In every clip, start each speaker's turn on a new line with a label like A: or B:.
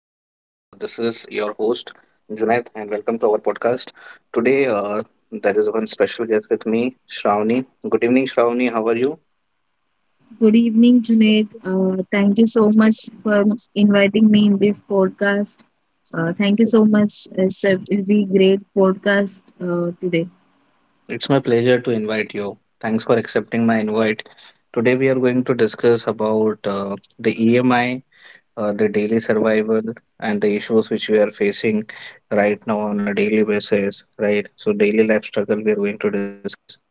A: host, Junaid, and welcome to our podcast. Today, there is one special guest with me, Shravani. Good evening, Shravani. How are you?
B: Good evening, Junaid. Thank you so much for inviting me in this podcast. Thank you so much. It's a really great podcast today.
A: It's my pleasure to invite you. Thanks for accepting my invite. Today, we are going to discuss about the EMI, the daily survival and the issues which we are facing right now on a daily basis, right? So daily life struggle we are going to discuss,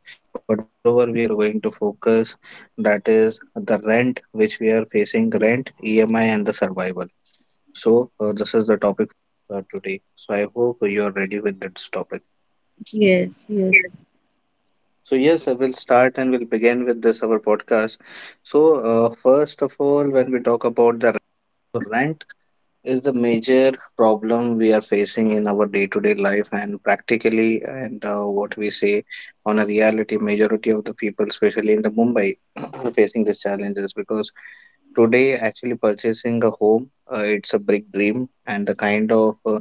A: but moreover we are going to focus that is the rent which we are facing, rent, EMI, and the survival. So this is the topic for today. So I hope you are ready with this topic.
B: Yes, yes,
A: So yes, I will start and we'll begin with this our podcast. So first of all, when we talk about the rent, is the major problem we are facing in our day-to-day life and practically, and what we say on a reality, majority of the people, especially in the Mumbai, are facing these challenges because today actually purchasing a home, it's a big dream, and the kind of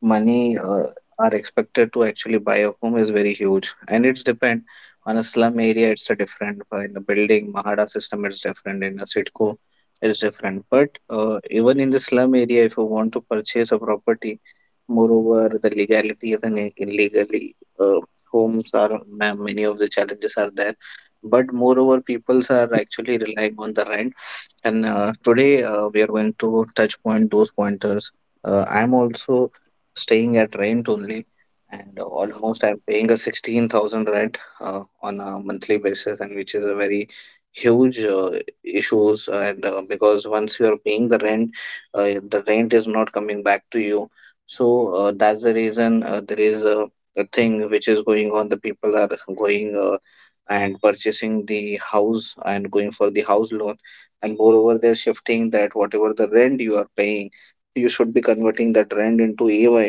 A: money are expected to actually buy a home is very huge, and it's depend on a slum area it's a different, in a building mahada system it's different, in a sitco it's different, but even in the slum area if you want to purchase a property, moreover the legalities and illegally uh, homes are many of the challenges are there, but moreover peoples are actually relying on the rent, and today we are going to touch point those pointers. I'm also staying at rent only, and almost I'm paying a 16,000 rent on a monthly basis, and which is a very huge issues. And because once you are paying the rent is not coming back to you. So that's the reason there is a thing which is going on. The people are going and purchasing the house and going for the house loan, and moreover they're shifting that whatever the rent you are paying you should be converting that rent into EMI.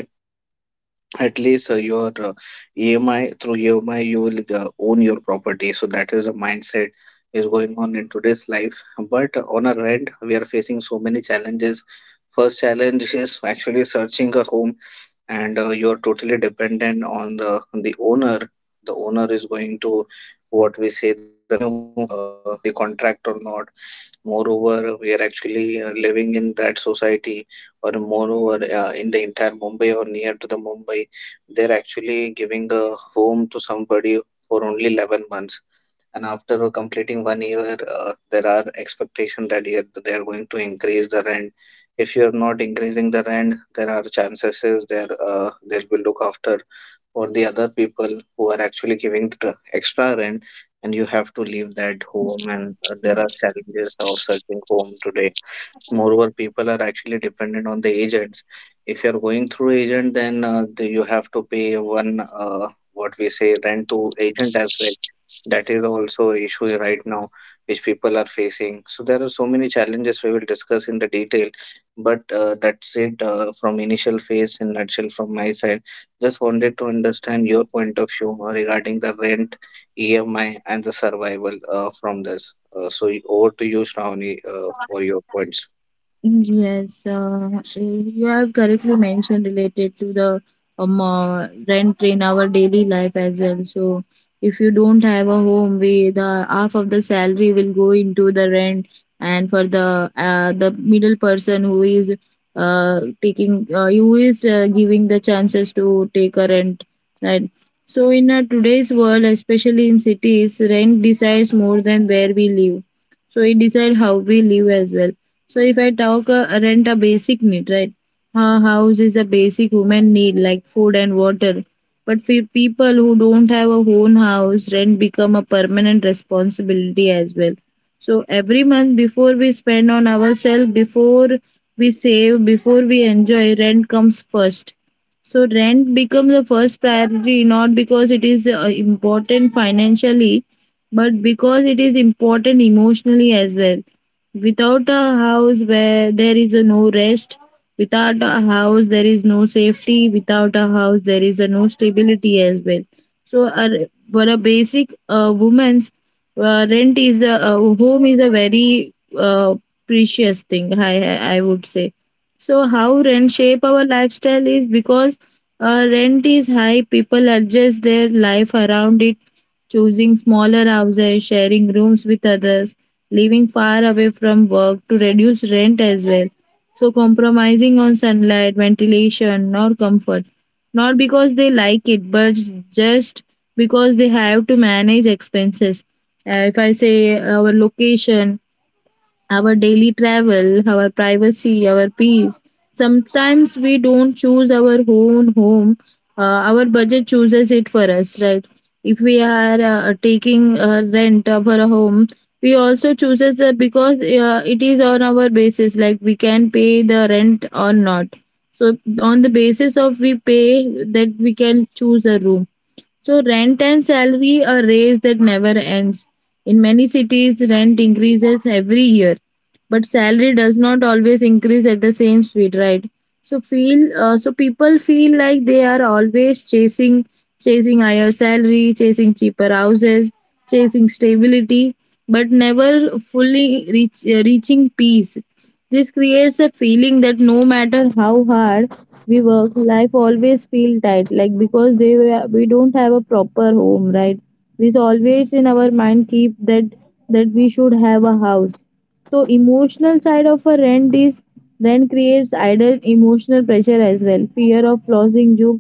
A: At least your EMI, through EMI you will own your property, so that is a mindset is going on in today's life. But on a rent we are facing so many challenges. First challenge is actually searching a home, and you're totally dependent on the owner. The owner is going to, what we say, the renew the contract or not. Moreover, we are actually living in that society, or moreover, in the entire Mumbai or near to the Mumbai, they're actually giving a home to somebody for only 11 months. And after completing one year, there are expectations that you they are going to increase the rent. If you're not increasing the rent, there are chances is there they will look after or the other people who are actually giving the extra rent, and you have to leave that home. And there are
B: yes.
A: challenges of searching home today. Moreover, people are actually dependent on the agents. If you're going through agent, then you have to pay one, what we say, rent to agent as well. That is also an issue right now, which people are facing. So there are so many challenges we will discuss in the detail, but that's it from initial phase in nutshell from my side. Just wanted to understand your point of view regarding the rent, EMI, and the survival from this. So over to you, Shravani, for your points.
B: Yes, uh, you have correctly mentioned related to the rent in our daily life as well. So, if you don't have a home, we the half of the salary will go into the rent, and for the middle person who is taking who is giving the chances to take a rent, right? So, in today's world, especially in cities, rent decides more than where we live, so it decide how we live as well. So if I talk, rent a basic need, right? A house is a basic human need like food and water, but for people who don't have a own house, rent become a permanent responsibility as well. So every month before we spend on ourselves, before we save, before we enjoy, rent comes first. So rent becomes the first priority, not because it is important financially, but because it is important emotionally as well. Without a house, where there is a no rest, without a house there is no safety, without a house there is a no stability as well. So for a basic woman's rent is a home is a very precious thing, I would say. So how rent shape our lifestyle is because rent is high. People adjust their life around it, choosing smaller houses, sharing rooms with others, living far away from work to reduce rent as well. So, compromising on sunlight, ventilation, or comfort. Not because they like it, but just because they have to manage expenses. If I say our location, our daily travel, our privacy, our peace. Sometimes we don't choose our own home. Our budget chooses it for us, right? If we are taking rent of our home, we also chooses that because it is on our basis, like we can pay the rent or not. So on the basis of we pay, that we can choose a room. So rent and salary are race that never ends. In many cities, rent increases every year, but salary does not always increase at the same speed, right? So people feel like they are always chasing higher salary, chasing cheaper houses, chasing stability, but never fully reaching peace. This creates a feeling that no matter how hard we work, life always feel tight. Like because we don't have a proper home, right? This always in our mind keep that, that we should have a house. So emotional side of a rent is, rent creates idle emotional pressure as well, fear of losing job,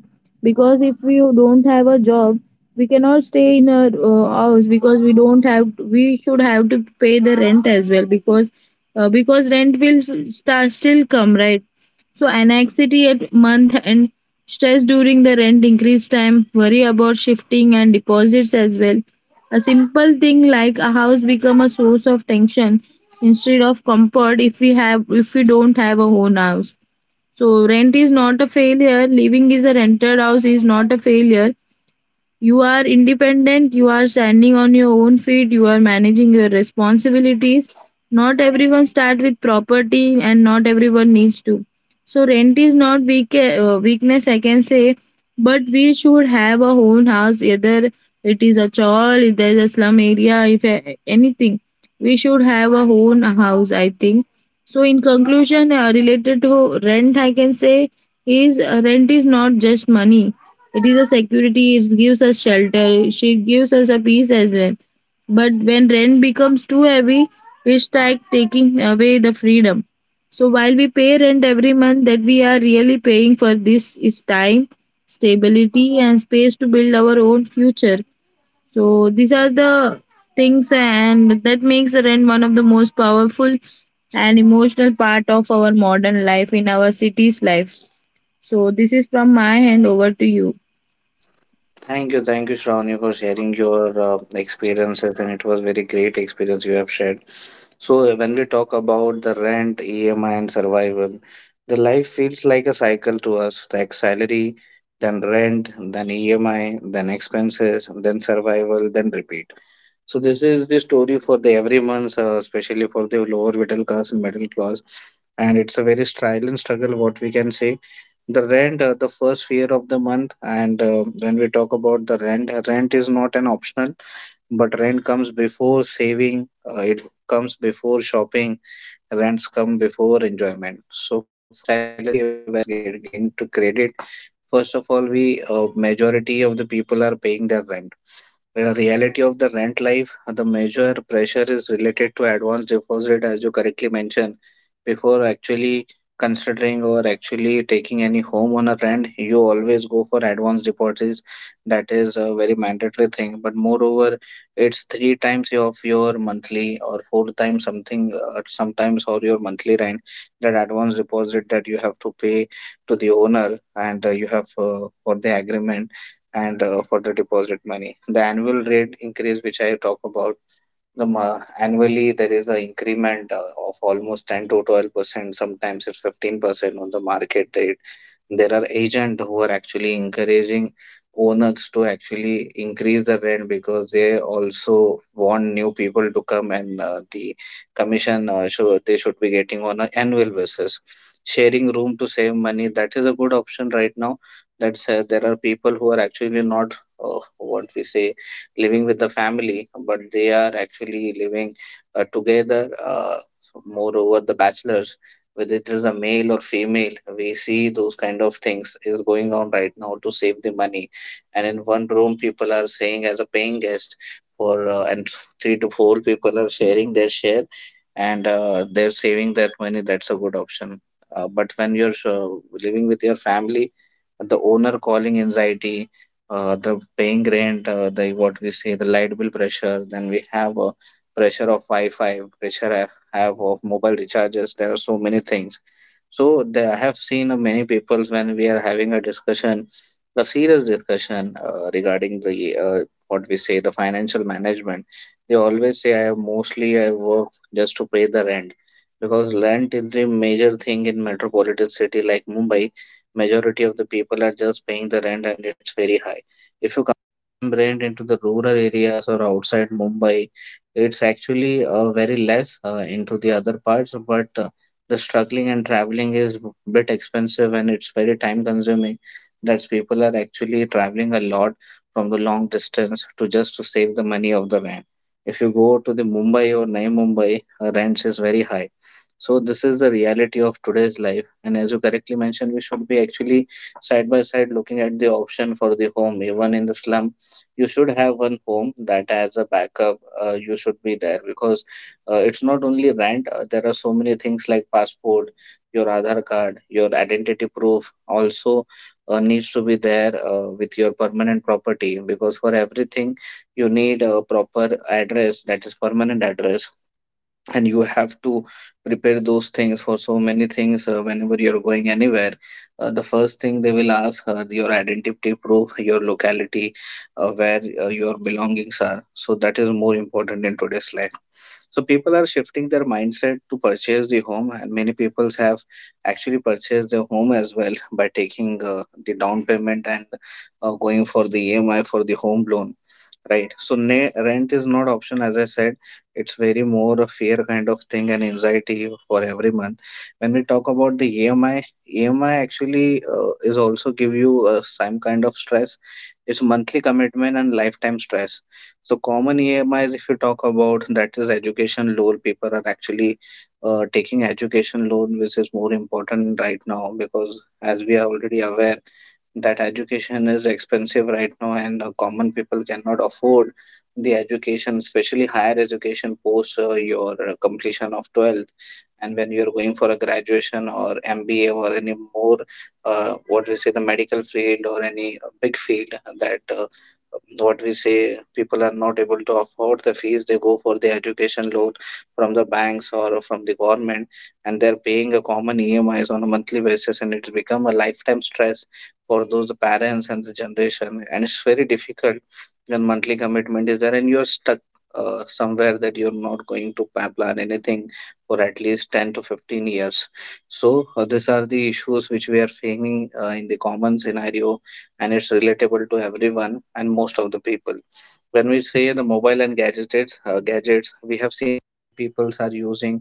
B: because if we don't have a job, we cannot stay in a house because we don't have, we should have to pay the rent as well because still come, right? So anxiety at month end, stress during the rent increase time, worry about shifting and deposits as well. A simple thing like a house become a source of tension instead of comfort if we have, if we don't have a own house. So rent is not a failure, living is a rented house is not a failure. You are independent, you are standing on your own feet, you are managing your responsibilities. Not everyone starts with property and not everyone needs to. So rent is not weak, weakness I can say, but we should have a own house, either it is a chawl, if there is a slum area, if anything. We should have a own house, I think. So in conclusion, related to rent I can say is, rent is not just money, it is a security, it gives us shelter, she gives us a peace as well. But when rent becomes too heavy, we start taking away the freedom. So while we pay rent every month, that we are really paying for this is time, stability, and space to build our own future. So these are the things, and that makes the rent one of the most powerful and emotional part of our modern life in our city's life. So this is from my hand over to you.
A: Thank you, Shravani, for sharing your experiences, and it was very great experience you have shared. So when we talk about the rent, EMI, and survival, the life feels like a cycle to us. Like salary, then rent, then EMI, then expenses, then survival, then repeat. So this is the story for the every month, especially for the lower middle class and middle class, and it's a very trial and struggle, what we can say. The rent, the first fear of the month. And when we talk about the rent, rent is not an optional, but rent comes before saving. It comes before shopping, rents come before enjoyment. So first salary when it's getting to credit, first of all we, majority of the people are paying their rent. The reality of the rent life, the major pressure is related to advance deposit, as you correctly mentioned. Before actually considering or actually taking any home on a rent, you always go for advance deposits. That is a very mandatory thing. But moreover, it's three times of your monthly or four times something, sometimes, or your monthly rent, that advance deposit that you have to pay to the owner and you have, for the agreement and for the deposit money. The annual rate increase, which I talk about, the annually there is an increment of almost 10 to 12%, sometimes it's 15% on the market rate. There are agents who are actually encouraging owners to actually increase the rent because they also want new people to come, and the commission show they should be getting on an annual basis. Sharing room to save money, that is a good option right now. That's there are people who are actually not, what we say, living with the family, but they are actually living together. So moreover, the bachelors, whether it is a male or female, we see those kind of things is going on right now to save the money. And in one room, people are saying as a paying guest for, and three to four people are sharing their share, and they're saving that money. That's a good option. But when you're living with your family, the owner calling anxiety, the paying rent, the what we say, the light bill pressure. Then we have pressure of Wi-Fi, pressure I have of mobile recharges. There are so many things. So there, I have seen many people, when we are having a discussion, a serious discussion regarding the, what we say, the financial management, they always say, "I mostly I work just to pay the rent." Because rent is the major thing in metropolitan city like Mumbai, majority of the people are just paying the rent and it's very high. If you come rent into the rural areas or outside Mumbai, it's actually very less into the other parts, but the struggling and traveling is a bit expensive and it's very time consuming. That's people are actually traveling a lot from the long distance to just to save the money of the rent. If you go to the Mumbai or Navi Mumbai, rents is very high. So this is the reality of today's life. And as you correctly mentioned, we should be actually side by side looking at the option for the home. Even in the slum you should have one home that has a backup, you should be there, because it's not only rent, there are so many things like passport, your Aadhar card, your identity proof also needs to be there with your permanent property, because for everything you need a proper address, that is permanent address. And you have to prepare those things for so many things whenever you're going anywhere. The first thing they will ask her your identity proof, your locality, where your belongings are. So that is more important in today's life. So people are shifting their mindset to purchase the home, and many people have actually purchased their home as well by taking the down payment and going for the EMI for the home loan, right? So rent is not option, as I said. It's very more a fear kind of thing and anxiety for every month. When we talk about the EMI, EMI actually is also give you some kind of stress. It's monthly commitment and lifetime stress. So common EMIs, if you talk about, that is education loan. People are actually taking education loan, which is more important right now because as we are already aware that education is expensive right now, and common people cannot afford the education, especially higher education post your completion of 12th, and when you're going for a graduation or MBA or any more, what we say, the medical field or any big field that what we say, people are not able to afford the fees. They go for the education loan from the banks or from the government, and they're paying a common EMIs on a monthly basis, and it's become a lifetime stress for those parents and the generation, and it's very difficult, and monthly commitment is there, and you're stuck somewhere that you're not going to plan anything for at least 10 to 15 years. So these are the issues which we are facing in the common scenario, and it's relatable to everyone and most of the people. When we say the mobile and gadgets, gadgets, we have seen peoples are using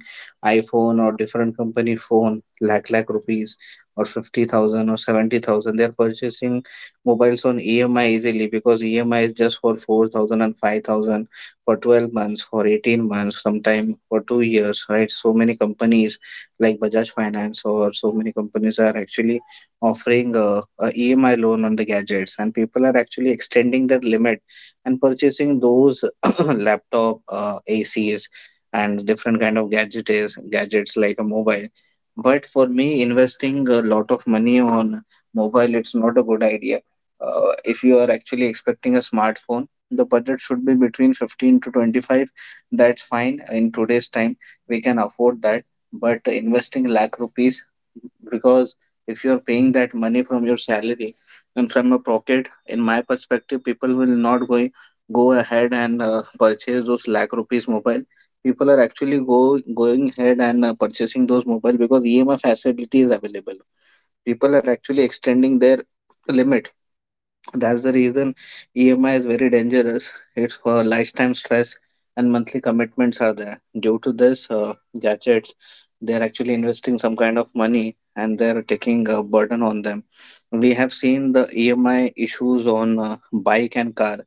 A: iPhone or different company phone, lakh lakh rupees, or 50,000 or 70,000, they are purchasing mobiles on EMI easily, because EMI is just for 4,000 and five thousand, for 12 months, for 18 months, sometime for 2 years, right? So many companies like Bajaj Finance or so many companies are actually offering a EMI loan on the gadgets, and people are actually extending their limit and purchasing those laptop, ACs, and different kind of gadgets like a mobile. But for me, investing a lot of money on mobile, it's not a good idea. If you are actually expecting a smartphone, the budget should be between 15 to 25. That's fine in today's time, we can afford that. But investing lakh rupees, because if you're paying that money from your salary and from a pocket, in my perspective, people will not go ahead and purchase those lakh rupees mobile. People are actually go going ahead and purchasing those mobile because EMI facility is available. People are actually extending their limit. That's the reason EMI is very dangerous. It's for lifetime stress, and monthly commitments are there. Due to this, gadgets, they're actually investing some kind of money, and they're taking a burden on them. We have seen the EMI issues on bike and car.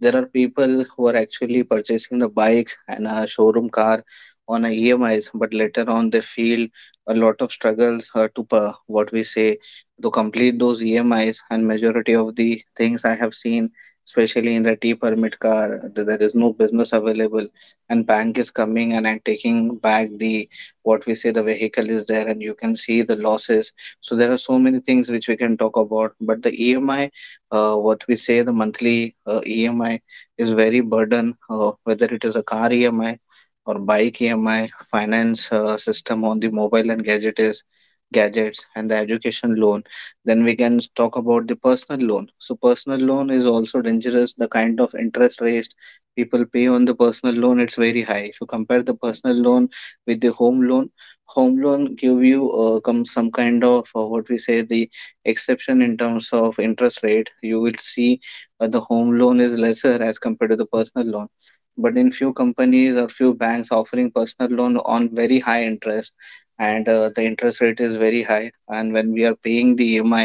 A: There are people who are actually purchasing the bike and a showroom car on a EMIs, but later on they feel a lot of struggles to what we say, to complete those EMIs. And majority of the things I have seen, especially in the T permit car, there is no business available, and bank is coming and I'm taking back the, what we say, the vehicle is there, and you can see the losses. So there are so many things which we can talk about, but the EMI, what we say, the monthly EMI is very burden, whether it is a car EMI or bike EMI, finance system on the mobile and gadgets and the education loan. Then we can talk about the personal loan. So personal loan is also dangerous. The kind of interest rates people pay on the personal loan, it's very high. If you compare the personal loan with the home loan give you come some kind of what we say, the exception in terms of interest rate. You will see the home loan is lesser as compared to the personal loan, but in few companies or few banks offering personal loan on very high interest, and the interest rate is very high. And when we are paying the EMI,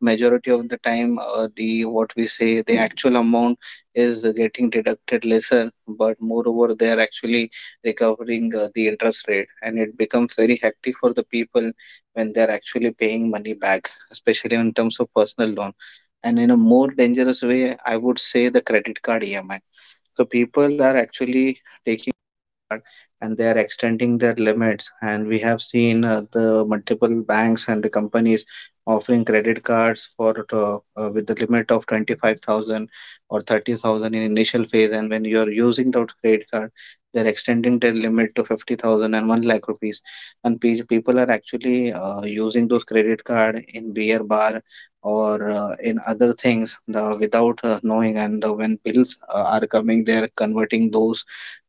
A: majority of the time, the, what we say, the actual amount is getting deducted lesser, but moreover they are actually recovering the interest rate, and it becomes very hectic for the people when they are actually paying money back, especially in terms of personal loan. And in a more dangerous way, I would say the credit card EMI. So people are actually taking, and they are extending their limits. And we have seen the multiple banks and the companies offering credit cards for with the limit of 25,000 or 30,000 in initial phase. And when you are using that credit card, they're extending their limit to fifty thousand and one lakh rupees. And people are actually using those credit card in beer bar or in other things, the, without knowing. And when bills are coming, they are converting those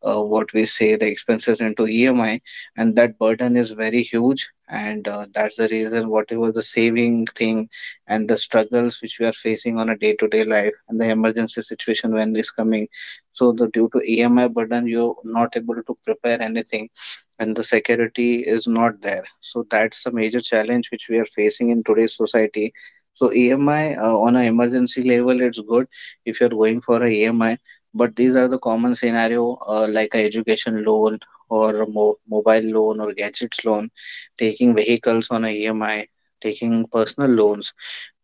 A: what we say, the expenses into EMI, and that burden is very huge. And that's the reason, whatever the saving thing and the struggles which we are facing on a day-to-day life, and the emergency situation when is coming. So the, due to EMI burden, you're not able to prepare anything, and the security is not there. So that's a major challenge which we are facing in today's society. So EMI, on an emergency level, it's good if you're going for a EMI, but these are the common scenario, like a education loan or a mobile loan or gadgets loan, taking vehicles on a EMI, taking personal loans,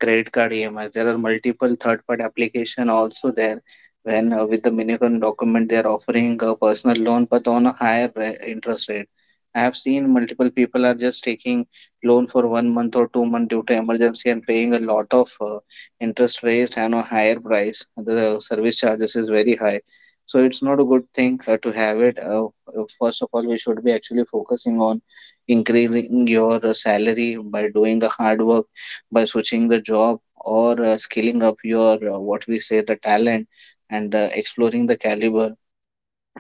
A: credit card EMI. There are multiple third-party application also there when with the minimum document they are offering a personal loan, but on a higher interest rate. I have seen multiple people are just taking loan for 1 month or 2 month due to emergency and paying a lot of interest rates and a higher price. The service charges is very high, so it's not a good thing to have it. First of all, we should be actually focusing on increasing your salary by doing the hard work, by switching the job, or scaling up your what we say, the talent, and exploring the caliber.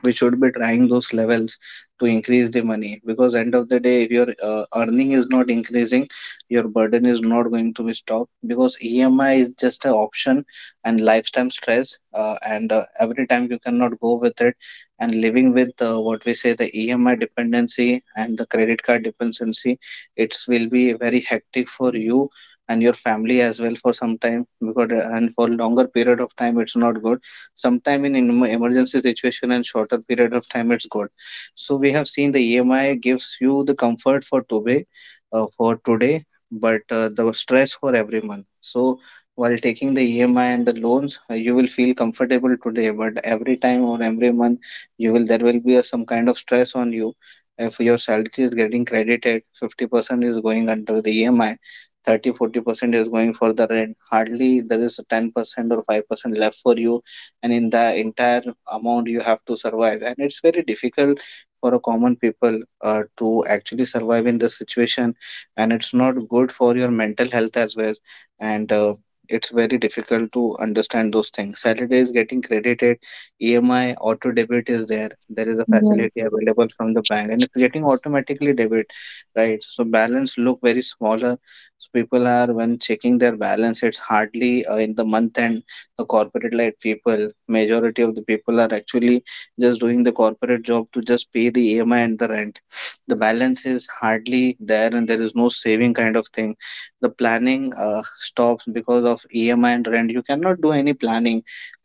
A: We should be trying those levels to increase the money, because end of the day, if your earning is not increasing, your burden is not going to be stopped, because EMI is just an option and lifetime stress. And Every time you cannot go with it, and living with, what we say, the EMI dependency and the credit card dependency, it will be very hectic for you and your family as well for some time. Because and for longer period of time it's not good. Sometime in emergency situation and shorter period of time, it's good. So we have seen the EMI gives you the comfort for today, for today, but the stress for every month. So while taking the EMI and the loans, you will feel comfortable today, but every time or every month, you will there will be a, some kind of stress on you. If your salary is getting credited, 50% is going under the EMI, 30 40% is going for the rent, hardly there is 10% or 5% left for you. And in the entire amount, you have to survive, and it's very difficult for a common people to actually survive in this situation, and it's not good for your mental health as well. And It's very difficult to understand those things. Saturday is getting credited, EMI auto debit is there. There is a facility available from the bank, and it's getting automatically debit, right? So balance look very smaller. So people are when checking their balance, it's hardly in the month end. The corporate led people, majority of the people are actually just doing the corporate job to just pay the EMI and the rent. The balance is hardly there, and there is no saving kind of thing. The planning stops because of EMI and rent. You cannot do any planning,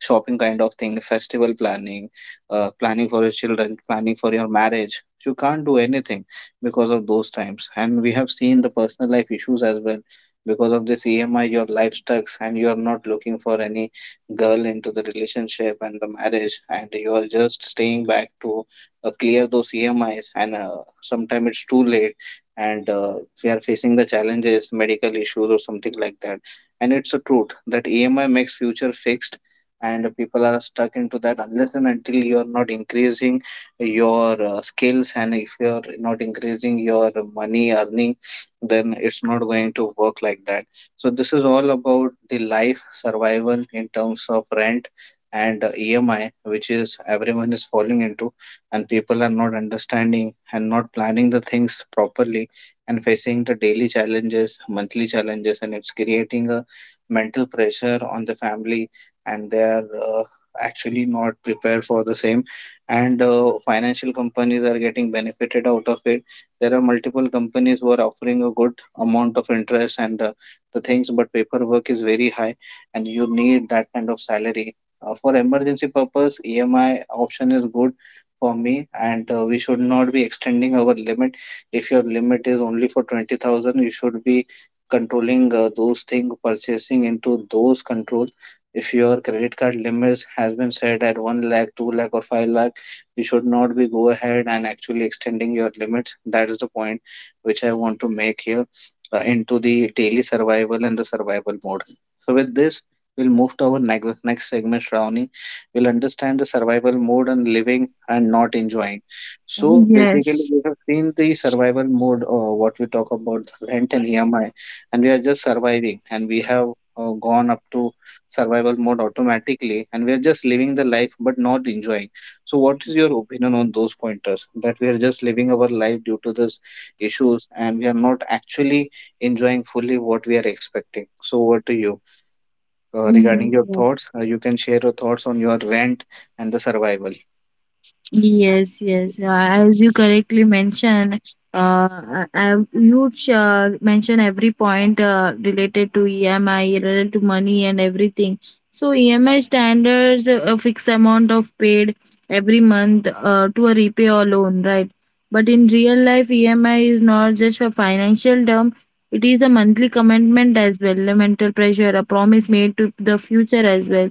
A: shopping kind of thing, festival planning, planning for your children, planning for your marriage. You can't do anything because of those times. And we have seen the personal life issues as well, because of this EMI, your life sucks, and you are not looking for any girl into the relationship and the marriage, and you are just staying back to clear those EMIs. And sometimes it's too late, and we are facing the challenges, medical issues, or something like that. And it's a truth that EMI makes future fixed, and people are stuck into that, unless and until you are not increasing your skills, and if you are not increasing your money earning, then it's not going to work like that. So this is all about the life survival in terms of rent and EMI, which is everyone is falling into, and people are not understanding and not planning the things properly, and facing the daily challenges, monthly challenges, and it's creating a mental pressure on the family, and they are actually not prepared for the same. And financial companies are getting benefited out of it. There are multiple companies who are offering a good amount of interest and the things, but paperwork is very high and you need that kind of salary. For emergency purpose, EMI option is good for me. And we should not be extending our limit. If your limit is only for 20,000, you should be controlling those things, purchasing into those control. If your credit card limits has been set at 1 lakh, 2 lakh or 5 lakh, you should not be go ahead and actually extending your limits. That is the point which I want to make here, into the daily survival and the survival mode. So with this, we'll move to our next segment, Shravani. We'll understand the survival mode and living and not enjoying. So basically,
B: Yes,
A: we have seen the survival mode, what we talk about rent and EMI, and we are just surviving, and we have gone up to survival mode automatically, and we are just living the life but not enjoying. So what is your opinion on those pointers? That we are just living our life due to this issues and we are not actually enjoying fully what we are expecting. So, over to you regarding your
B: Mm,
A: thoughts. You can share your thoughts on your rent and the survival.
B: yes, yes. As you correctly mentioned, you mention every point related to EMI, related to money and everything. So EMI standards a fixed amount of paid every month to a repay or loan, right? But in real life, EMI is not just a financial term. It is a monthly commitment as well, a mental pressure, a promise made to the future as well.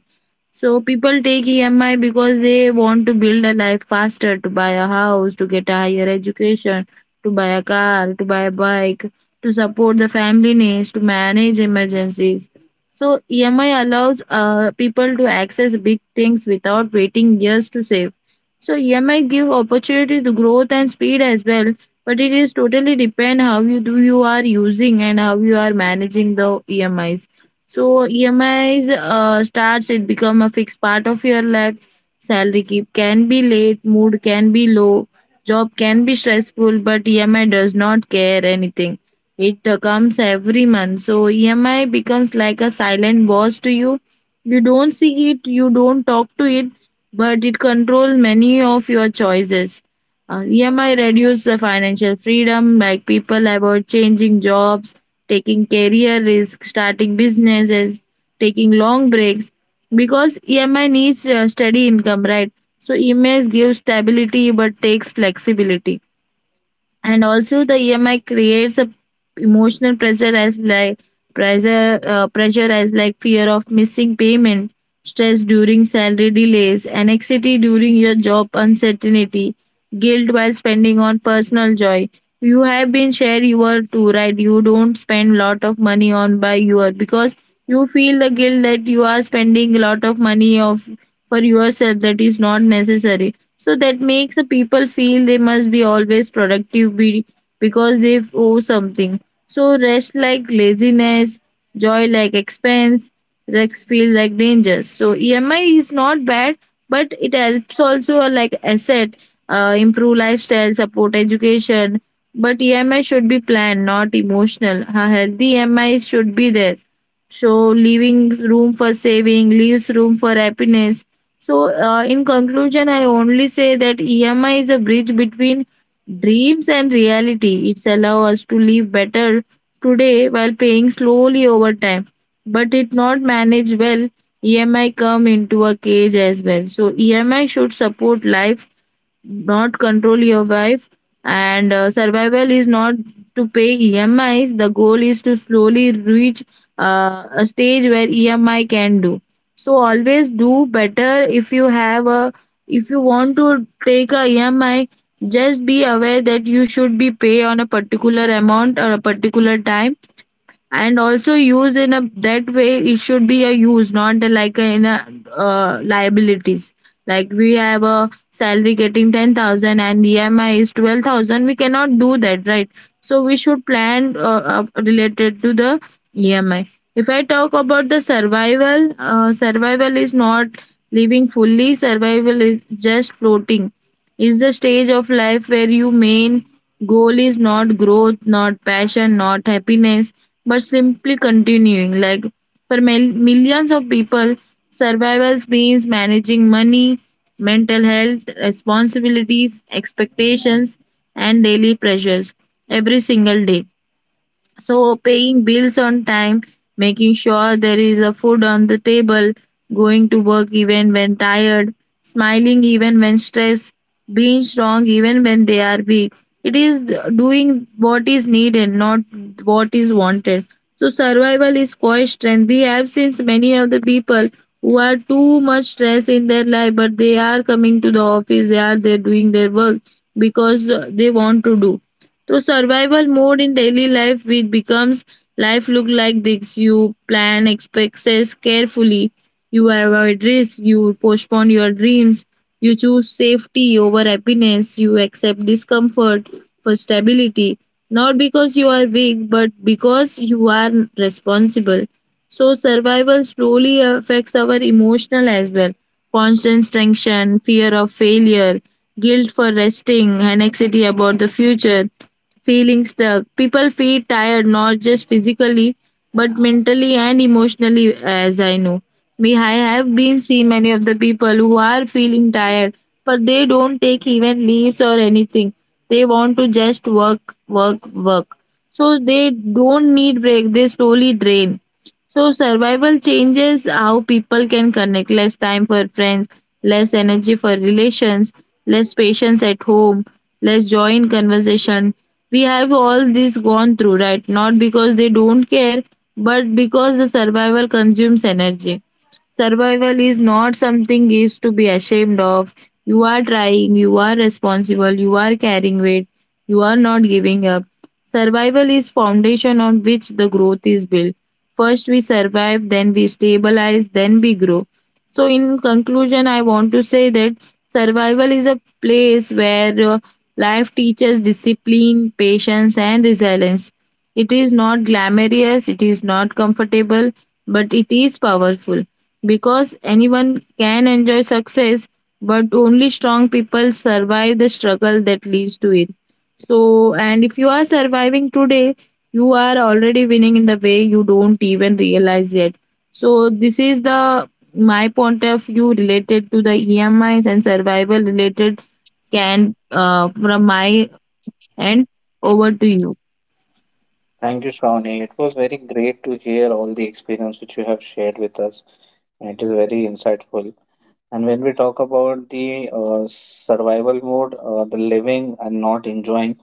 B: So people take EMI because they want to build a life faster, to buy a house, to get a higher education, to buy a car, to buy a bike, to support the family needs, to manage emergencies. So EMI allows people to access big things without waiting years to save. So EMI give opportunity to growth and speed as well, but it is totally depend how you do, you are using and how you are managing the EMIs. So EMIs starts it become a fixed part of your life. Salary keep can be late, mood can be low, job can be stressful, but EMI does not care anything. It comes every month. So EMI becomes like a silent boss to you. You don't see it, you don't talk to it, but it controls many of your choices. EMI reduces the financial freedom, like people about changing jobs, taking career risk, starting businesses, taking long breaks because EMI needs steady income, right? So EMI gives stability but takes flexibility, and also the EMI creates a emotional pressure as like pressure as like fear of missing payment, stress during salary delays, anxiety during your job uncertainty, guilt while spending on personal joy. You have been share your too, right? You don't spend lot of money on buy your, because you feel the guilt that you are spending a lot of money of for yourself that is not necessary. So that makes the people feel they must be always because they owe something. So rest like laziness, joy like expense, risks feel like dangers. So EMI is not bad, but it helps also, like asset, improve lifestyle, support education, but EMI should be planned, not emotional. A healthy EMI should be there. So leaving room for saving leaves room for happiness. So, in conclusion, I only say that EMI is a bridge between dreams and reality. It's allow us to live better today while paying slowly over time. But it not managed well, EMI come into a cage as well. So EMI should support life, not control your wife. And survival is not to pay EMIs. The goal is to slowly reach a stage where EMI can do. So always do better. If you have a, if you want to take a EMI, just be aware that you should be pay on a particular amount or a particular time, and also use in a that way. It should be a use, not the like a, in a liabilities. Like we have a salary getting 10,000 and the emi is 12,000, we cannot do that, right? So we should plan related to the EMI. If I talk about the survival, survival is not living fully. Survival is just floating, is the stage of life where your main goal is not growth, not passion, not happiness, but simply continuing. Like for millions of people, survival means managing money, mental health, responsibilities, expectations, and daily pressures every single day. So, paying bills on time, making sure there is a food on the table, going to work even when tired, smiling even when stressed, being strong even when they are weak. It is doing what is needed, not what is wanted. So, survival is quite strength. We have seen many of the people who are too much stress in their life, but they are coming to the office, they are there doing their work because they want to do. To survival mode in daily life, it becomes life look like this. You plan expenses carefully, you avoid risk, you postpone your dreams, you choose safety over happiness, you accept discomfort for stability, not because you are weak but because you are responsible. So survival slowly affects our emotional as well, constant tension, fear of failure, guilt for resting, anxiety about the future, feeling stuck. People feel tired not just physically but mentally and emotionally as I know. Me, I have been seen many of the people who are feeling tired but they don't take even leaves or anything. They want to just work. So they don't need break, they slowly drain. So survival changes how people can connect, less time for friends, less energy for relations, less patience at home, less joy in conversation. We have all this gone through, right? Not because they don't care, but because the survival consumes energy. Survival is not something is to be ashamed of. You are trying, you are responsible, you are carrying weight, you are not giving up. Survival is foundation on which the growth is built. First we survive, then we stabilize, then we grow. So in conclusion, I want to say that survival is a place where life teaches discipline, patience and resilience. It is not glamorous, it is not comfortable, but it is powerful because anyone can enjoy success, but only strong people survive the struggle that leads to it. So, and if you are surviving today, you are already winning in the way you don't even realize yet. So, this is the my point of view related to the EMIs and survival related can from my end, over to you.
A: Thank you, Shravani. It was very great to hear all the experience which you have shared with us. It is very insightful. And when we talk about the survival mode, the living and not enjoying,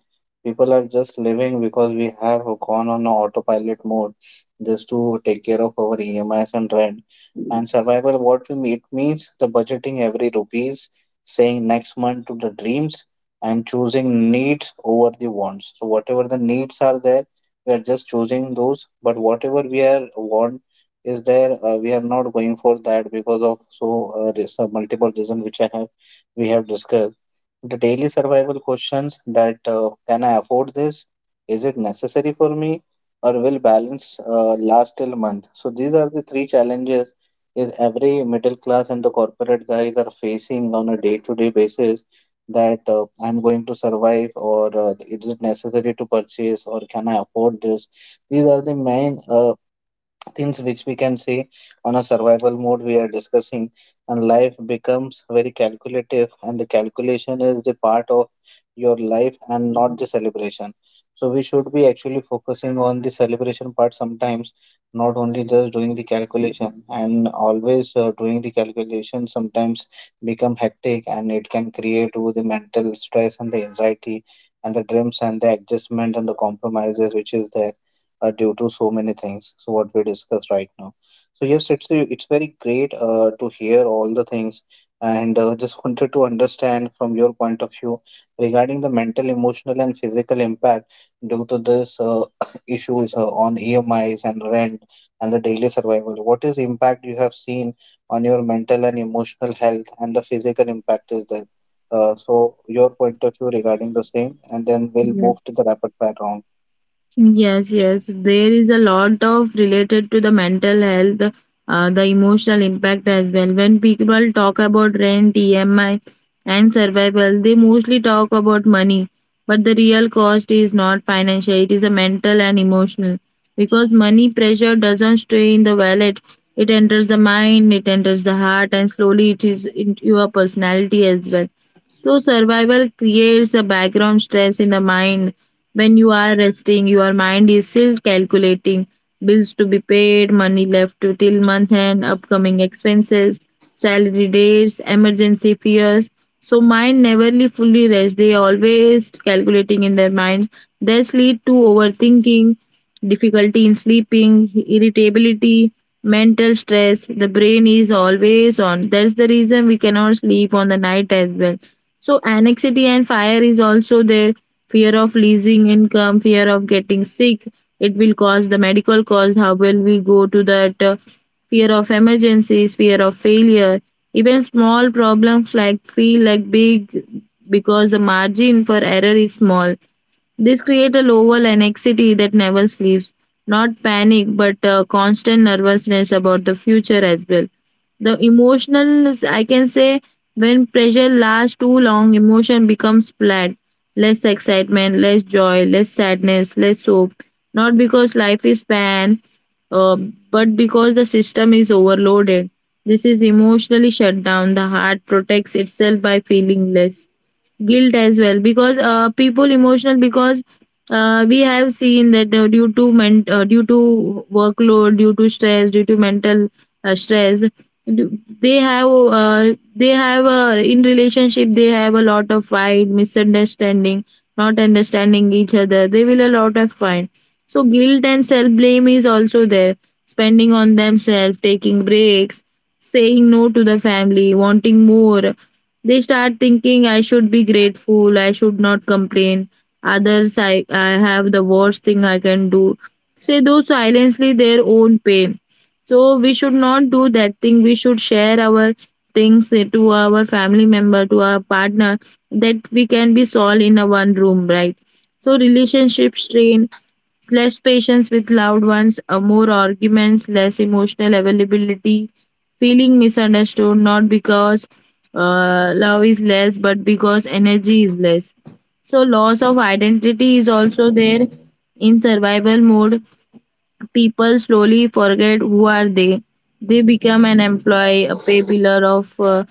A: people are just living because we have gone on a autopilot mode just to take care of our EMIs and rent. And survival, what we mean, it means the budgeting every rupees, saying next month to the dreams, and choosing needs over the wants. So whatever the needs are there, we are just choosing those. But whatever we are want is there, we are not going for that because of so there's a multiple reason which I have we have discussed. The daily survival questions, that can I afford this, is it necessary for me, or will balance last till month. So these are the three challenges is every middle class and the corporate guys are facing on a day to day basis, that I'm going to survive, or is it necessary to purchase, or can I afford this. These are the main things which we can say on a survival mode we are discussing. And life becomes very calculative and the calculation is the part of your life and not the celebration. So we should be actually focusing on the celebration part sometimes, not only just doing the calculation. And always doing the calculation sometimes become hectic and it can create with the mental stress and the anxiety and the dreams and the adjustment and the compromises which is there due to so many things. So what we discuss right now. So yes, it's very great to hear all the things, and just wanted to understand from your point of view regarding the mental, emotional, and physical impact due to this issues on EMIs and rent and the daily survival. What is impact you have seen on your mental and emotional health, and the physical impact is there? So your point of view regarding the same, and then we'll move to the rapid fire round.
B: Yes, yes. There is a lot of related to the mental health, the emotional impact as well. When people talk about rent, EMI, and survival, they mostly talk about money. But the real cost is not financial, it is a mental and emotional. Because money pressure doesn't stay in the wallet, it enters the mind, it enters the heart, and slowly it is into your personality as well. So, survival creates a background stress in the mind. When you are resting, your mind is still calculating bills to be paid, money left to till month end, upcoming expenses, salary dates, emergency fears. So, mind neverly fully rest. They always calculating in their minds. This lead to overthinking, difficulty in sleeping, irritability, mental stress. The brain is always on. That's the reason we cannot sleep on the night as well, so anxiety and fire is also there. Fear of losing income, fear of getting sick. It will cause the medical cost. How will we go to that? Fear of emergencies, fear of failure. Even small problems like feel like big because the margin for error is small. This create a lower anxiety that never sleeps. Not panic, but constant nervousness about the future as well. The emotional is, I can say, when pressure lasts too long, emotion becomes flat. Less excitement, less joy, less sadness, less hope. Not because life is bad, uh, but because the system is overloaded. This is emotionally shut down. The heart protects itself by feeling less guilt as well because people emotional because we have seen that due to workload, due to stress, due to mental stress, they have in relationship they have a lot of fight, misunderstanding, not understanding each other, they will a lot of fight. So guilt and self blame is also there, spending on themselves, taking breaks, saying no to the family wanting more. They start thinking I should be grateful, I should not complain. Others, I have the worst thing I can do. Say those silently their own pain. So we should not do that thing. We should share our things to our family member, to our partner, that we can be solved in a one room, right? So relationship strain, less patience with loved ones, more arguments, less emotional availability, feeling misunderstood not because love is less but because energy is less. So loss of identity is also there. In survival mode people slowly forget who are they. They become an employee, a pay pillar of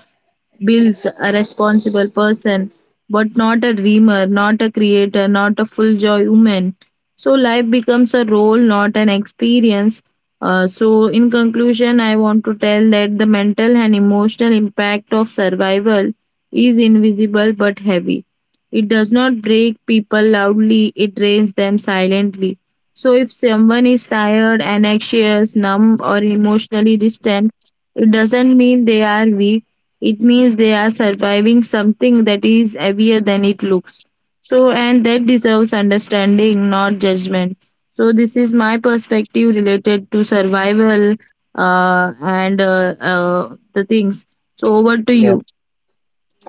B: builds a responsible person, but not a dreamer, not a creator, not a full joy woman. So life becomes a role, not an experience. So in conclusion, I want to tell that the mental and emotional impact of survival is invisible but heavy. It does not break people loudly, it drains them silently. So if someone is tired and anxious, numb, or emotionally distant, it doesn't mean they are weak, it means they are surviving something that is heavier than it looks. So, and that deserves understanding, not judgment. So, this is my perspective related to survival and the things. So, over to you.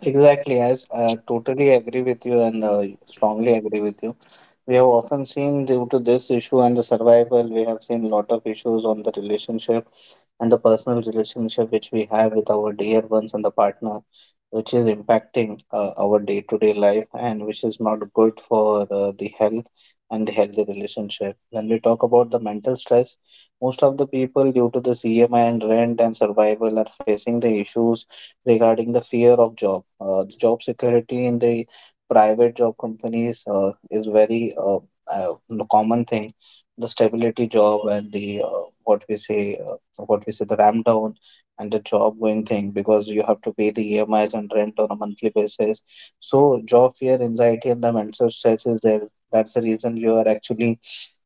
A: Exactly, as I totally agree with you, and strongly agree with you. We have often seen due to this issue and the survival, we have seen a lot of issues on the relationship and the personal relationship which we have with our dear ones and the partner, which is impacting our day-to-day life and which is not good for the health and the healthy relationship. When we talk about the mental stress, most of the people due to the cmi and rent and survival are facing the issues regarding the fear of job. The job security in the private job companies is very common thing. The stability job and the what we say, the ramp down and the job going thing, because you have to pay the EMIs and rent on a monthly basis. So job fear, anxiety, and the mental stress is there. That's the reason you are actually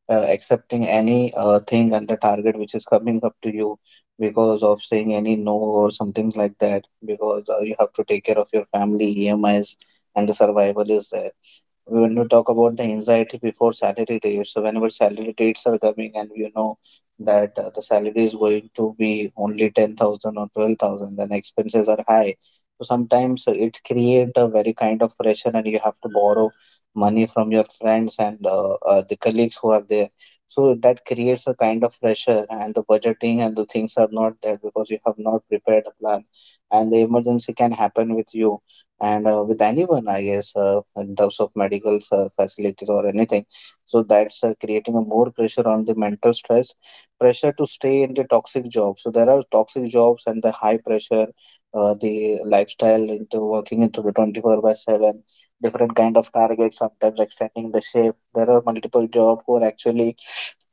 A: accepting any thing and the target which is coming up to you, because of saying any no or something like that, because you have to take care of your family emis and the survival is there. When we talk about the anxiety before salary date, so whenever salary dates are coming and you know that the salary is going to be only 10,000 or 12,000, then expenses are high. So sometimes it create a very kind of pressure and you have to borrow money from your friends and the colleagues who are there. So that creates a kind of pressure and the budgeting and the things are not there, because you have not prepared a plan and the emergency can happen with you and with anyone I guess, in terms of medical facilities or anything. So that's creating a more pressure on the mental stress. Pressure to stay in the toxic job. So there are toxic jobs and the high pressure the lifestyle, into working into the 24 by 7 different kind of targets, sometimes extending the shift. There are multiple jobs who are actually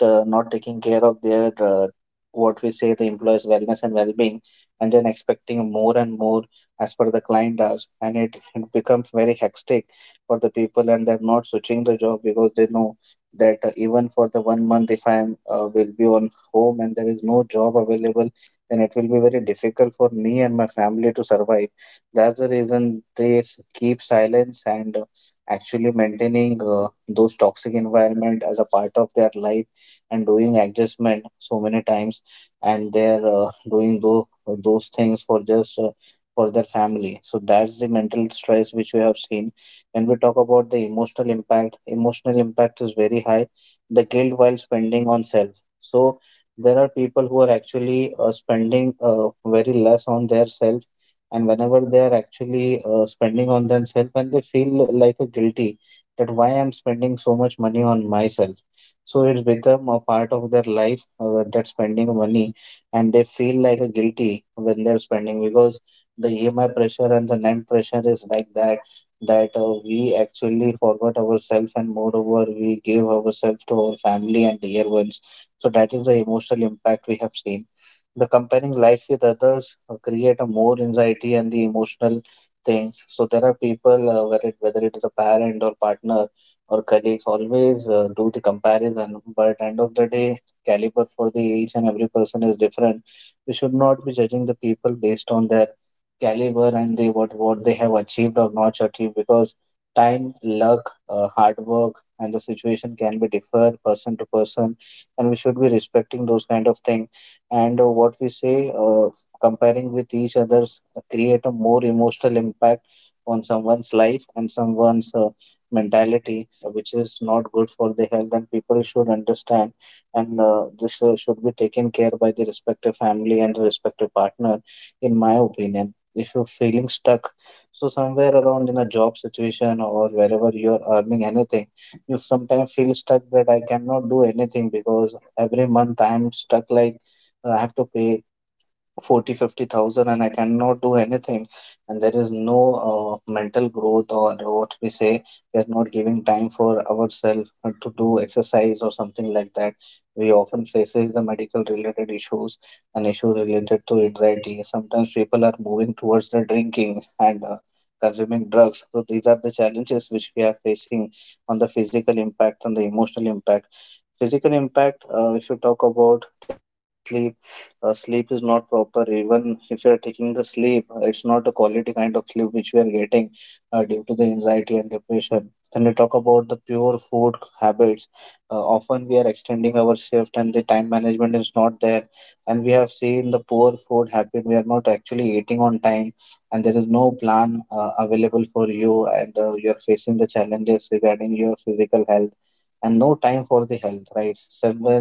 A: not taking care of their what we say, the employees wellness and well-being, and then expecting more and more as per the client does, and it becomes very hectic for the people, and they're not switching the job because they know that even for the 1 month, if I am will be on home and there is no job available, then it will be very difficult for me and my family to survive. That's the reason they keep silence and actually maintaining those toxic environment as a part of their life and doing adjustment so many times, and they're doing those things for just for their family. So that's the mental stress which we have seen. When we talk about the emotional impact, emotional impact is very high. The guilt while spending on self. So there are people who are actually spending very less on their self, and whenever they are actually spending on themselves and they feel like a guilty, that why I'm spending so much money on myself. So it's become a part of their life, that spending money and they feel like a guilty when they're spending, because the emi pressure and the net pressure is like that. That we actually forgot ourselves, and moreover we gave ourselves to our family and dear ones. So that is the emotional impact we have seen. The comparing life with others create a more anxiety and the emotional things. So there are people, where whether it is a parent or partner or colleagues, always do the comparison. But end of the day, caliber for the each and every person is different. We should not be judging the people based on their caliber and they what they have achieved or not achieved, because time, luck, hard work and the situation can be differ person to person, and we should be respecting those kind of thing. And what we say, comparing with each others create a more emotional impact on someone's life and someone's mentality, which is not good for the health, and people should understand. And this should be taken care by the respective family and the respective partner, in my opinion. If you're feeling stuck, so somewhere around in a job situation or wherever you're earning anything, you sometimes feel stuck that I cannot do anything because every month I'm stuck like I have to pay 40, 50,000, and I cannot do anything and there is no mental growth or what we say we are not giving time for ourselves to do exercise or something like that we often faces the medical related issues and issues related to anxiety sometimes people are moving towards the drinking and consuming drugs so these are the challenges which we are facing on the physical impact and the emotional impact physical impact if you talk about sleep sleep is not proper even if you're taking the sleep it's not a quality kind of sleep which we are getting due to the anxiety and depression. When we talk about the pure food habits often we are extending our shift and the time management is not there and we have seen the poor food habit we are not actually eating on time and there is no plan available for you and you're facing the challenges regarding your physical health and no time for the health right somewhere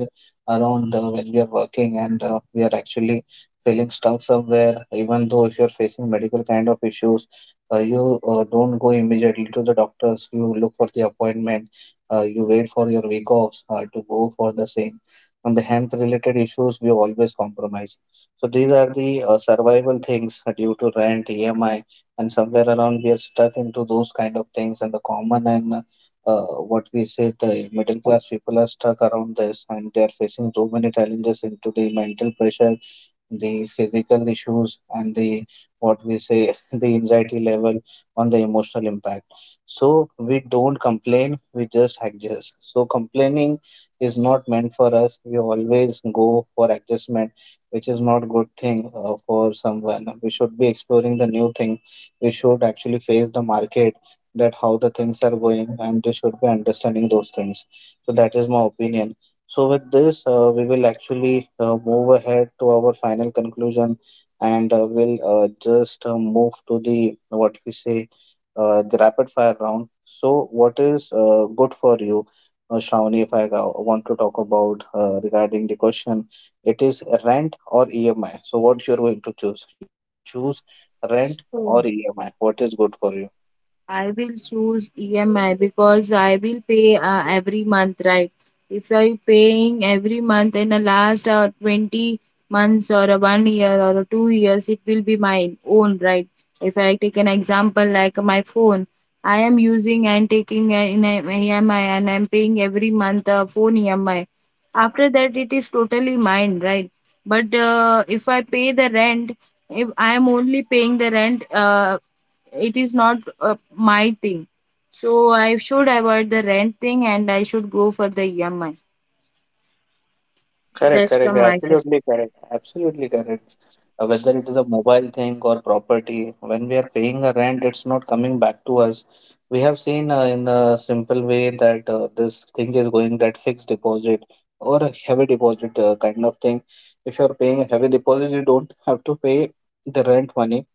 A: around when we are working and we are actually feeling stuck somewhere, even though if you're facing medical kind of issues, you don't go immediately to the doctors. You look for the appointment. You wait for your week offs to go for the same. On the health related issues, we always compromise. So these are the survival things due to rent, EMI, and somewhere around we are stuck into those kind of things. And the common and uh, what we say the middle class people are stuck around this and they are facing so many challenges into the mental pressure, the physical issues and the what we say the anxiety level on the emotional impact. So we don't complain, we just adjust, so complaining is not meant for us, we always go for adjustment which is not good thing for someone. We should be exploring the new thing, we should actually face the market, that how the things are going, and they should be understanding those things. So that is my opinion. So, with this, we will actually move ahead to our final conclusion, and we'll just move to the what we say the rapid fire round. So, what is good for you, Shravani? If I want to talk about regarding the question, it is rent or EMI. So, what you're going to choose? You choose rent or EMI. What is good for you?
B: I will choose EMI because I will pay every month, right? If I paying every month in the last 20 months or a one year or a 2 years, it will be my own, right? If I take an example like my phone, I am using and taking in EMI and I'm paying every month a phone EMI. After that, it is totally mine, right? But if I pay the rent, if I am only paying the rent, it is not my thing. So I should avoid the rent thing and I should go for the EMI.
A: Correct,
B: That's
A: correct,
B: from my side.
A: absolutely correct, absolutely correct. Whether it is a mobile thing or property, when we are paying a rent, it's not coming back to us. We have seen in a simple way that this thing is going, that fixed deposit or a heavy deposit kind of thing. If you're paying a heavy deposit, you don't have to pay the rent money,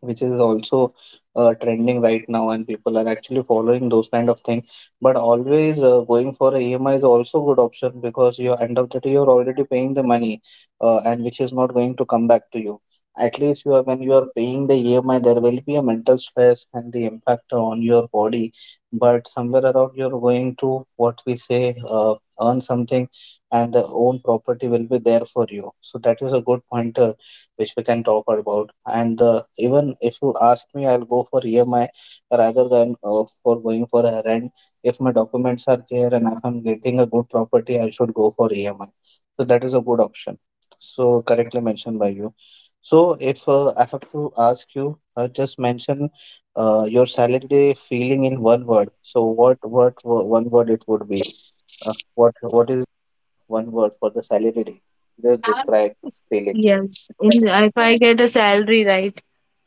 A: which is also trending right now, and people are actually following those kind of thing. But always going for a EMI is also good option because you end of the day you're already paying the money and which is not going to come back to you. At least you are, when you are paying the EMI, there will be a mental stress and the impact on your body, but somewhere around you're going to what we say earn something and the own property will be there for you, so that is a good pointer which we can talk about. And even if you ask me, I'll go for EMI rather than for going for a rent. If my documents are there and if I'm getting a good property, I should go for EMI. So that is a good option. So correctly mentioned by you. So if I have to ask you, just mention your salary feeling in one word. So one word it would be? What is one word for the salary? Day? Just describe feeling.
B: Yes, in, if I get a salary, right?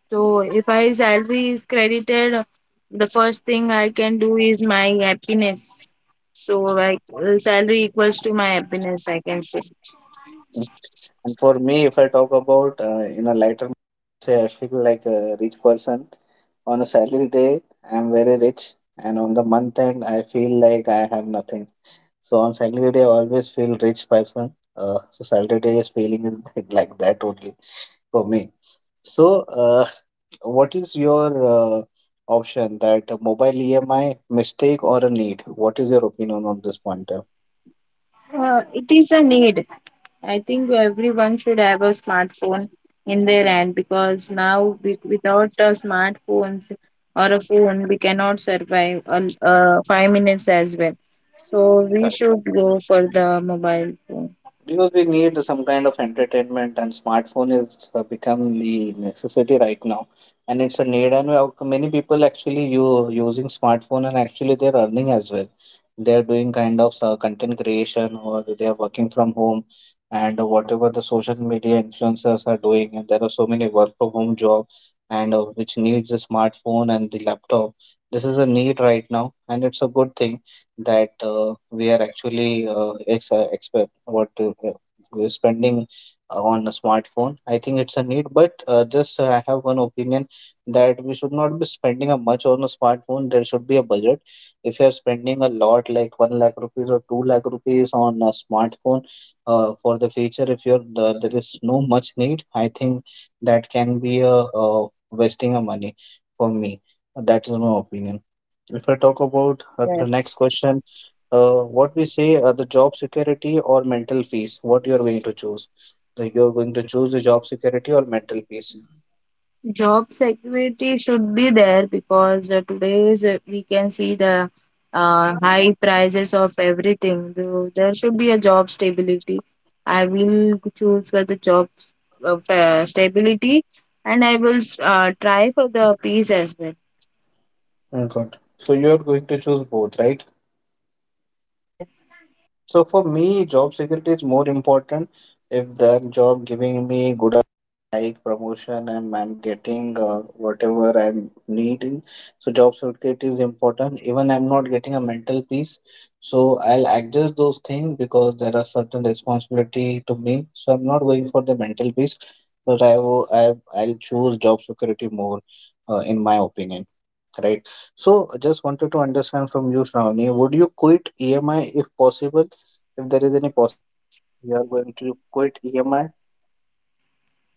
B: So if I salary is credited, the first thing I can do is my happiness. So like salary equals to my happiness, I can say.
A: And for me, if I talk about in a lighter, say I feel like a rich person. On a salary day, I'm very rich, and on the month end, I feel like I have nothing. So on salary day, I always feel rich person. So salary day is feeling is like that only for me. So, what is your uh, option, that a mobile EMI mistake or a need? What is your opinion on this point?
B: It is a need. I think everyone should have a smartphone in their hand because now without a smartphones or a phone, we cannot survive 5 minutes as well. So we should go for the mobile phone.
A: Because we need some kind of entertainment, and smartphone is become the necessity right now, and it's a need. And many people actually you using smartphone, and actually they're earning as well. They're doing kind of content creation, or they are working from home, and whatever the social media influencers are doing. And there are so many work from home job, and which needs a smartphone and the laptop. This is a need right now, and it's a good thing that we are actually ex expect what we're spending on a smartphone. I think it's a need, but just I have one opinion, that we should not be spending a much on a smartphone. There should be a budget. If you are spending a lot, like 1 lakh rupees or 2 lakh rupees on a smartphone for the feature, if you're the, there is no much need, I think that can be a wasting of money for me. That's my opinion. If I talk about the next
B: Yes.
A: question, what we say the job security or mental peace, what you're going to choose? That you're going to choose the job security or mental peace.
B: Job security should be there because today's we can see the high prices of everything. So there should be a job stability. I will choose for the job of, stability and I will try for the peace as well.
A: Mm, good. So you're going to choose both, right?
B: Yes.
A: So for me, job security is more important. If that job giving me good hike, promotion, and I'm getting whatever I'm needing, so job security is important. Even I'm not getting a mental peace, so I'll adjust those things because there are certain responsibility to me. So I'm not going for the mental peace, but I will I I'll choose job security more, in my opinion. Right. So I just wanted to understand from you, Shravani, would you quit EMI if possible? If there is any possibility you are going to quit EMI.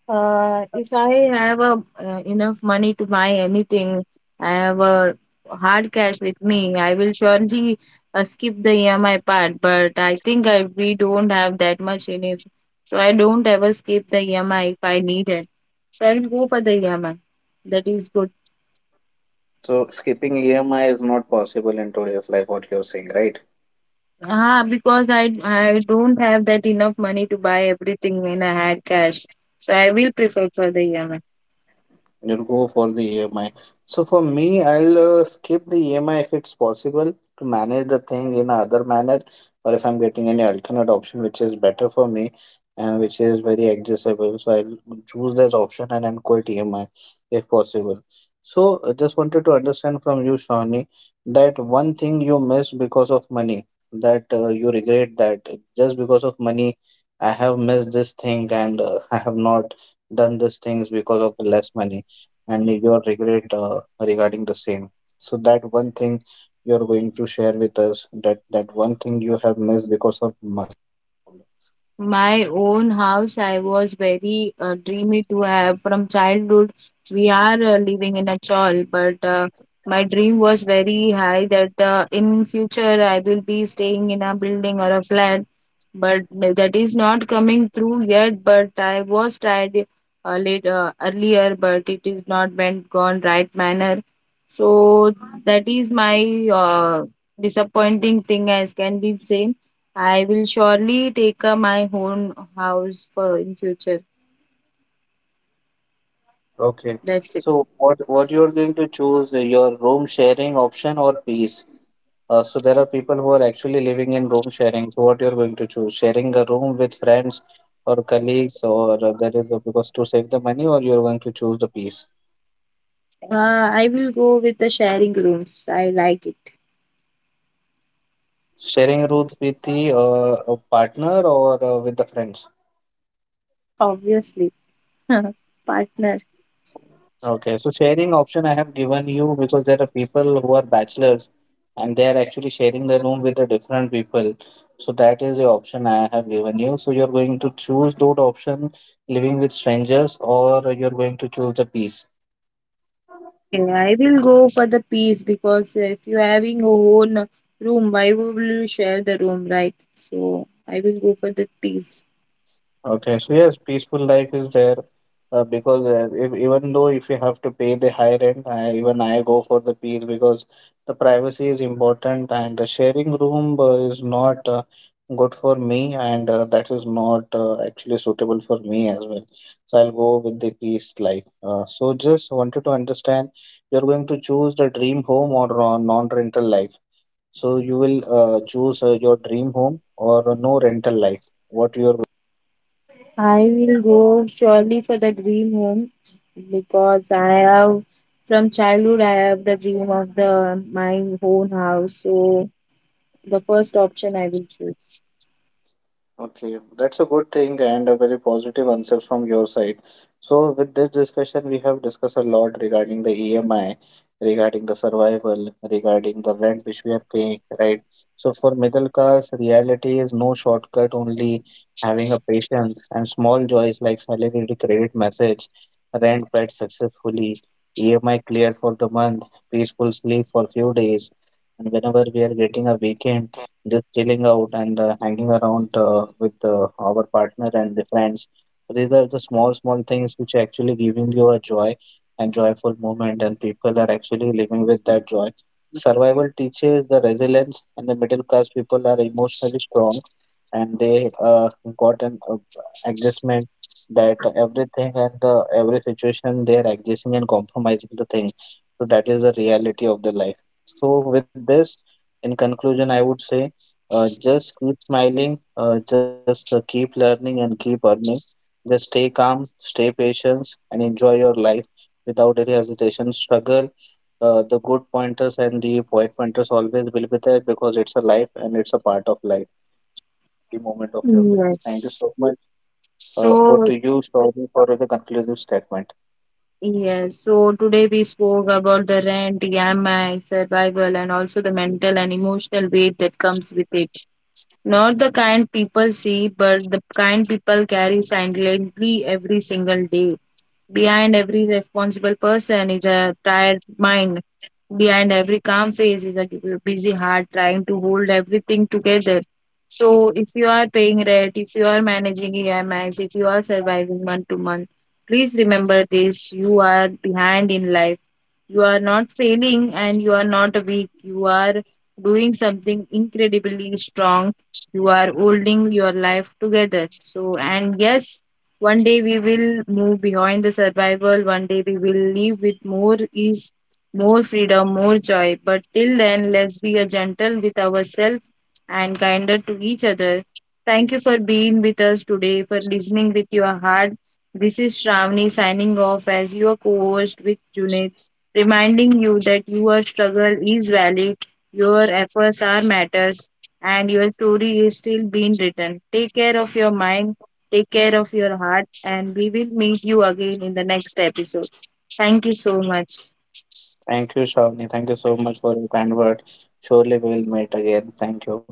B: If I have a, enough money to buy anything, I have a hard cash with me, I will surely skip the EMI part. But I think we don't have that much in it. So I don't ever skip the EMI if I need it. So I'll go for the EMI. That is good.
A: So skipping EMI is not possible in today's life, what you're saying, right?
B: Ah, because I don't have that enough money to buy everything when I had cash. So I will prefer for the EMI.
A: You'll go for the EMI. So for me, I'll skip the EMI if it's possible to manage the thing in other manner, or if I'm getting any alternate option which is better for me and which is very accessible. So I'll choose that option and then quit EMI if possible. So I just wanted to understand from you, Shawnee, that one thing you missed because of money, that you regret that just because of money, I have missed this thing and I have not done these things because of less money, and your regret regarding the same. So that one thing you're going to share with us, that one thing you have missed because of must.
B: My own house, I was very dreamy to have from childhood. We are living in a chawl, but my dream was very high that in future I will be staying in a building or a flat. But that is not coming through yet. But I was tried late earlier, but it is not went gone right manner. So that is my disappointing thing as can be say. I will surely take my own house for in future.
A: Okay.
B: That's it.
A: So what you're going to choose your room sharing option or peace? So there are people who are actually living in room sharing. So what you're going to choose? Sharing a room with friends or colleagues, or that is because to save the money, or you're going to choose the peace?
B: Uh, I will go with the sharing rooms. I like it.
A: Sharing a room with the partner or with the friends?
B: Obviously. Partner.
A: Okay, so sharing option I have given you because there are people who are bachelors and they are actually sharing the room with the different people. So that is the option I have given you. So you're going to choose those option, living with strangers, or you're going to choose the peace.
B: Okay, I will go for the peace because if you're having your own room, why will you share the room, right? So I will go for the peace.
A: Okay, so yes, peaceful life is there because if, even though if you have to pay the high rent, even I go for the peace because the privacy is important, and the sharing room is not good for me and that is not actually suitable for me as well. So I'll go with the peace life. So just wanted to understand, you're going to choose the dream home or non-rental life. So you will choose your dream home or no rental life. What you're
B: I will go surely for the dream home because I have from childhood I have the dream of the my own house. So the first option I will choose.
A: Okay, that's a good thing and a very positive answer from your side. So, with this discussion, we have discussed a lot regarding the EMI, regarding the survival, regarding the rent which we are paying, right? So, for middle class, reality is no shortcut, only having a patience and small joys like salary to credit message, rent paid successfully, EMI cleared for the month, peaceful sleep for few days, and whenever we are getting a weekend just chilling out and hanging around with our partner and the friends. So these are the small, small things which are actually giving you a joy and joyful moment, and people are actually living with that joy. Survival teaches the resilience, and the middle class people are emotionally strong, and they got an adjustment, that everything and the every situation they are adjusting and compromising the thing. So that is the reality of the life. So with this, in conclusion, I would say just keep smiling, just keep learning and keep earning. Just stay calm, stay patient, and enjoy your life without any hesitation. Struggle, the good pointers and the pointers always will be there because it's a life and it's a part of life, the moment of your life. Thank you so
B: Yes.
A: much. Over to you,
B: So,
A: Shravani, for the conclusive statement.
B: yes. So, today we spoke about the rent, EMI, survival, and also the mental and emotional weight that comes with it. Not the kind people see, but the kind people carry silently every single day. Behind every responsible person is a tired mind. Behind every calm face is a busy heart trying to hold everything together. So, if you are paying rent, if you are managing EMIs, if you are surviving month to month, please remember this, you are behind in life. You are not failing and you are not weak. You are doing something incredibly strong. You are holding your life together. So, and yes, one day we will move behind the survival. One day we will live with more ease, more freedom, more joy. But till then, let's be a gentle with ourselves and kinder to each other. Thank you for being with us today, for listening with your heart. This is Shravani signing off as your co-host with Junaid, reminding you that your struggle is valid, your efforts are matters, and your story is still being written. Take care of your mind, take care of your heart, and we will meet you again in the next episode. Thank you so much.
A: Thank you, Shravani. Thank you so much for your kind word. Surely we will meet again. Thank you.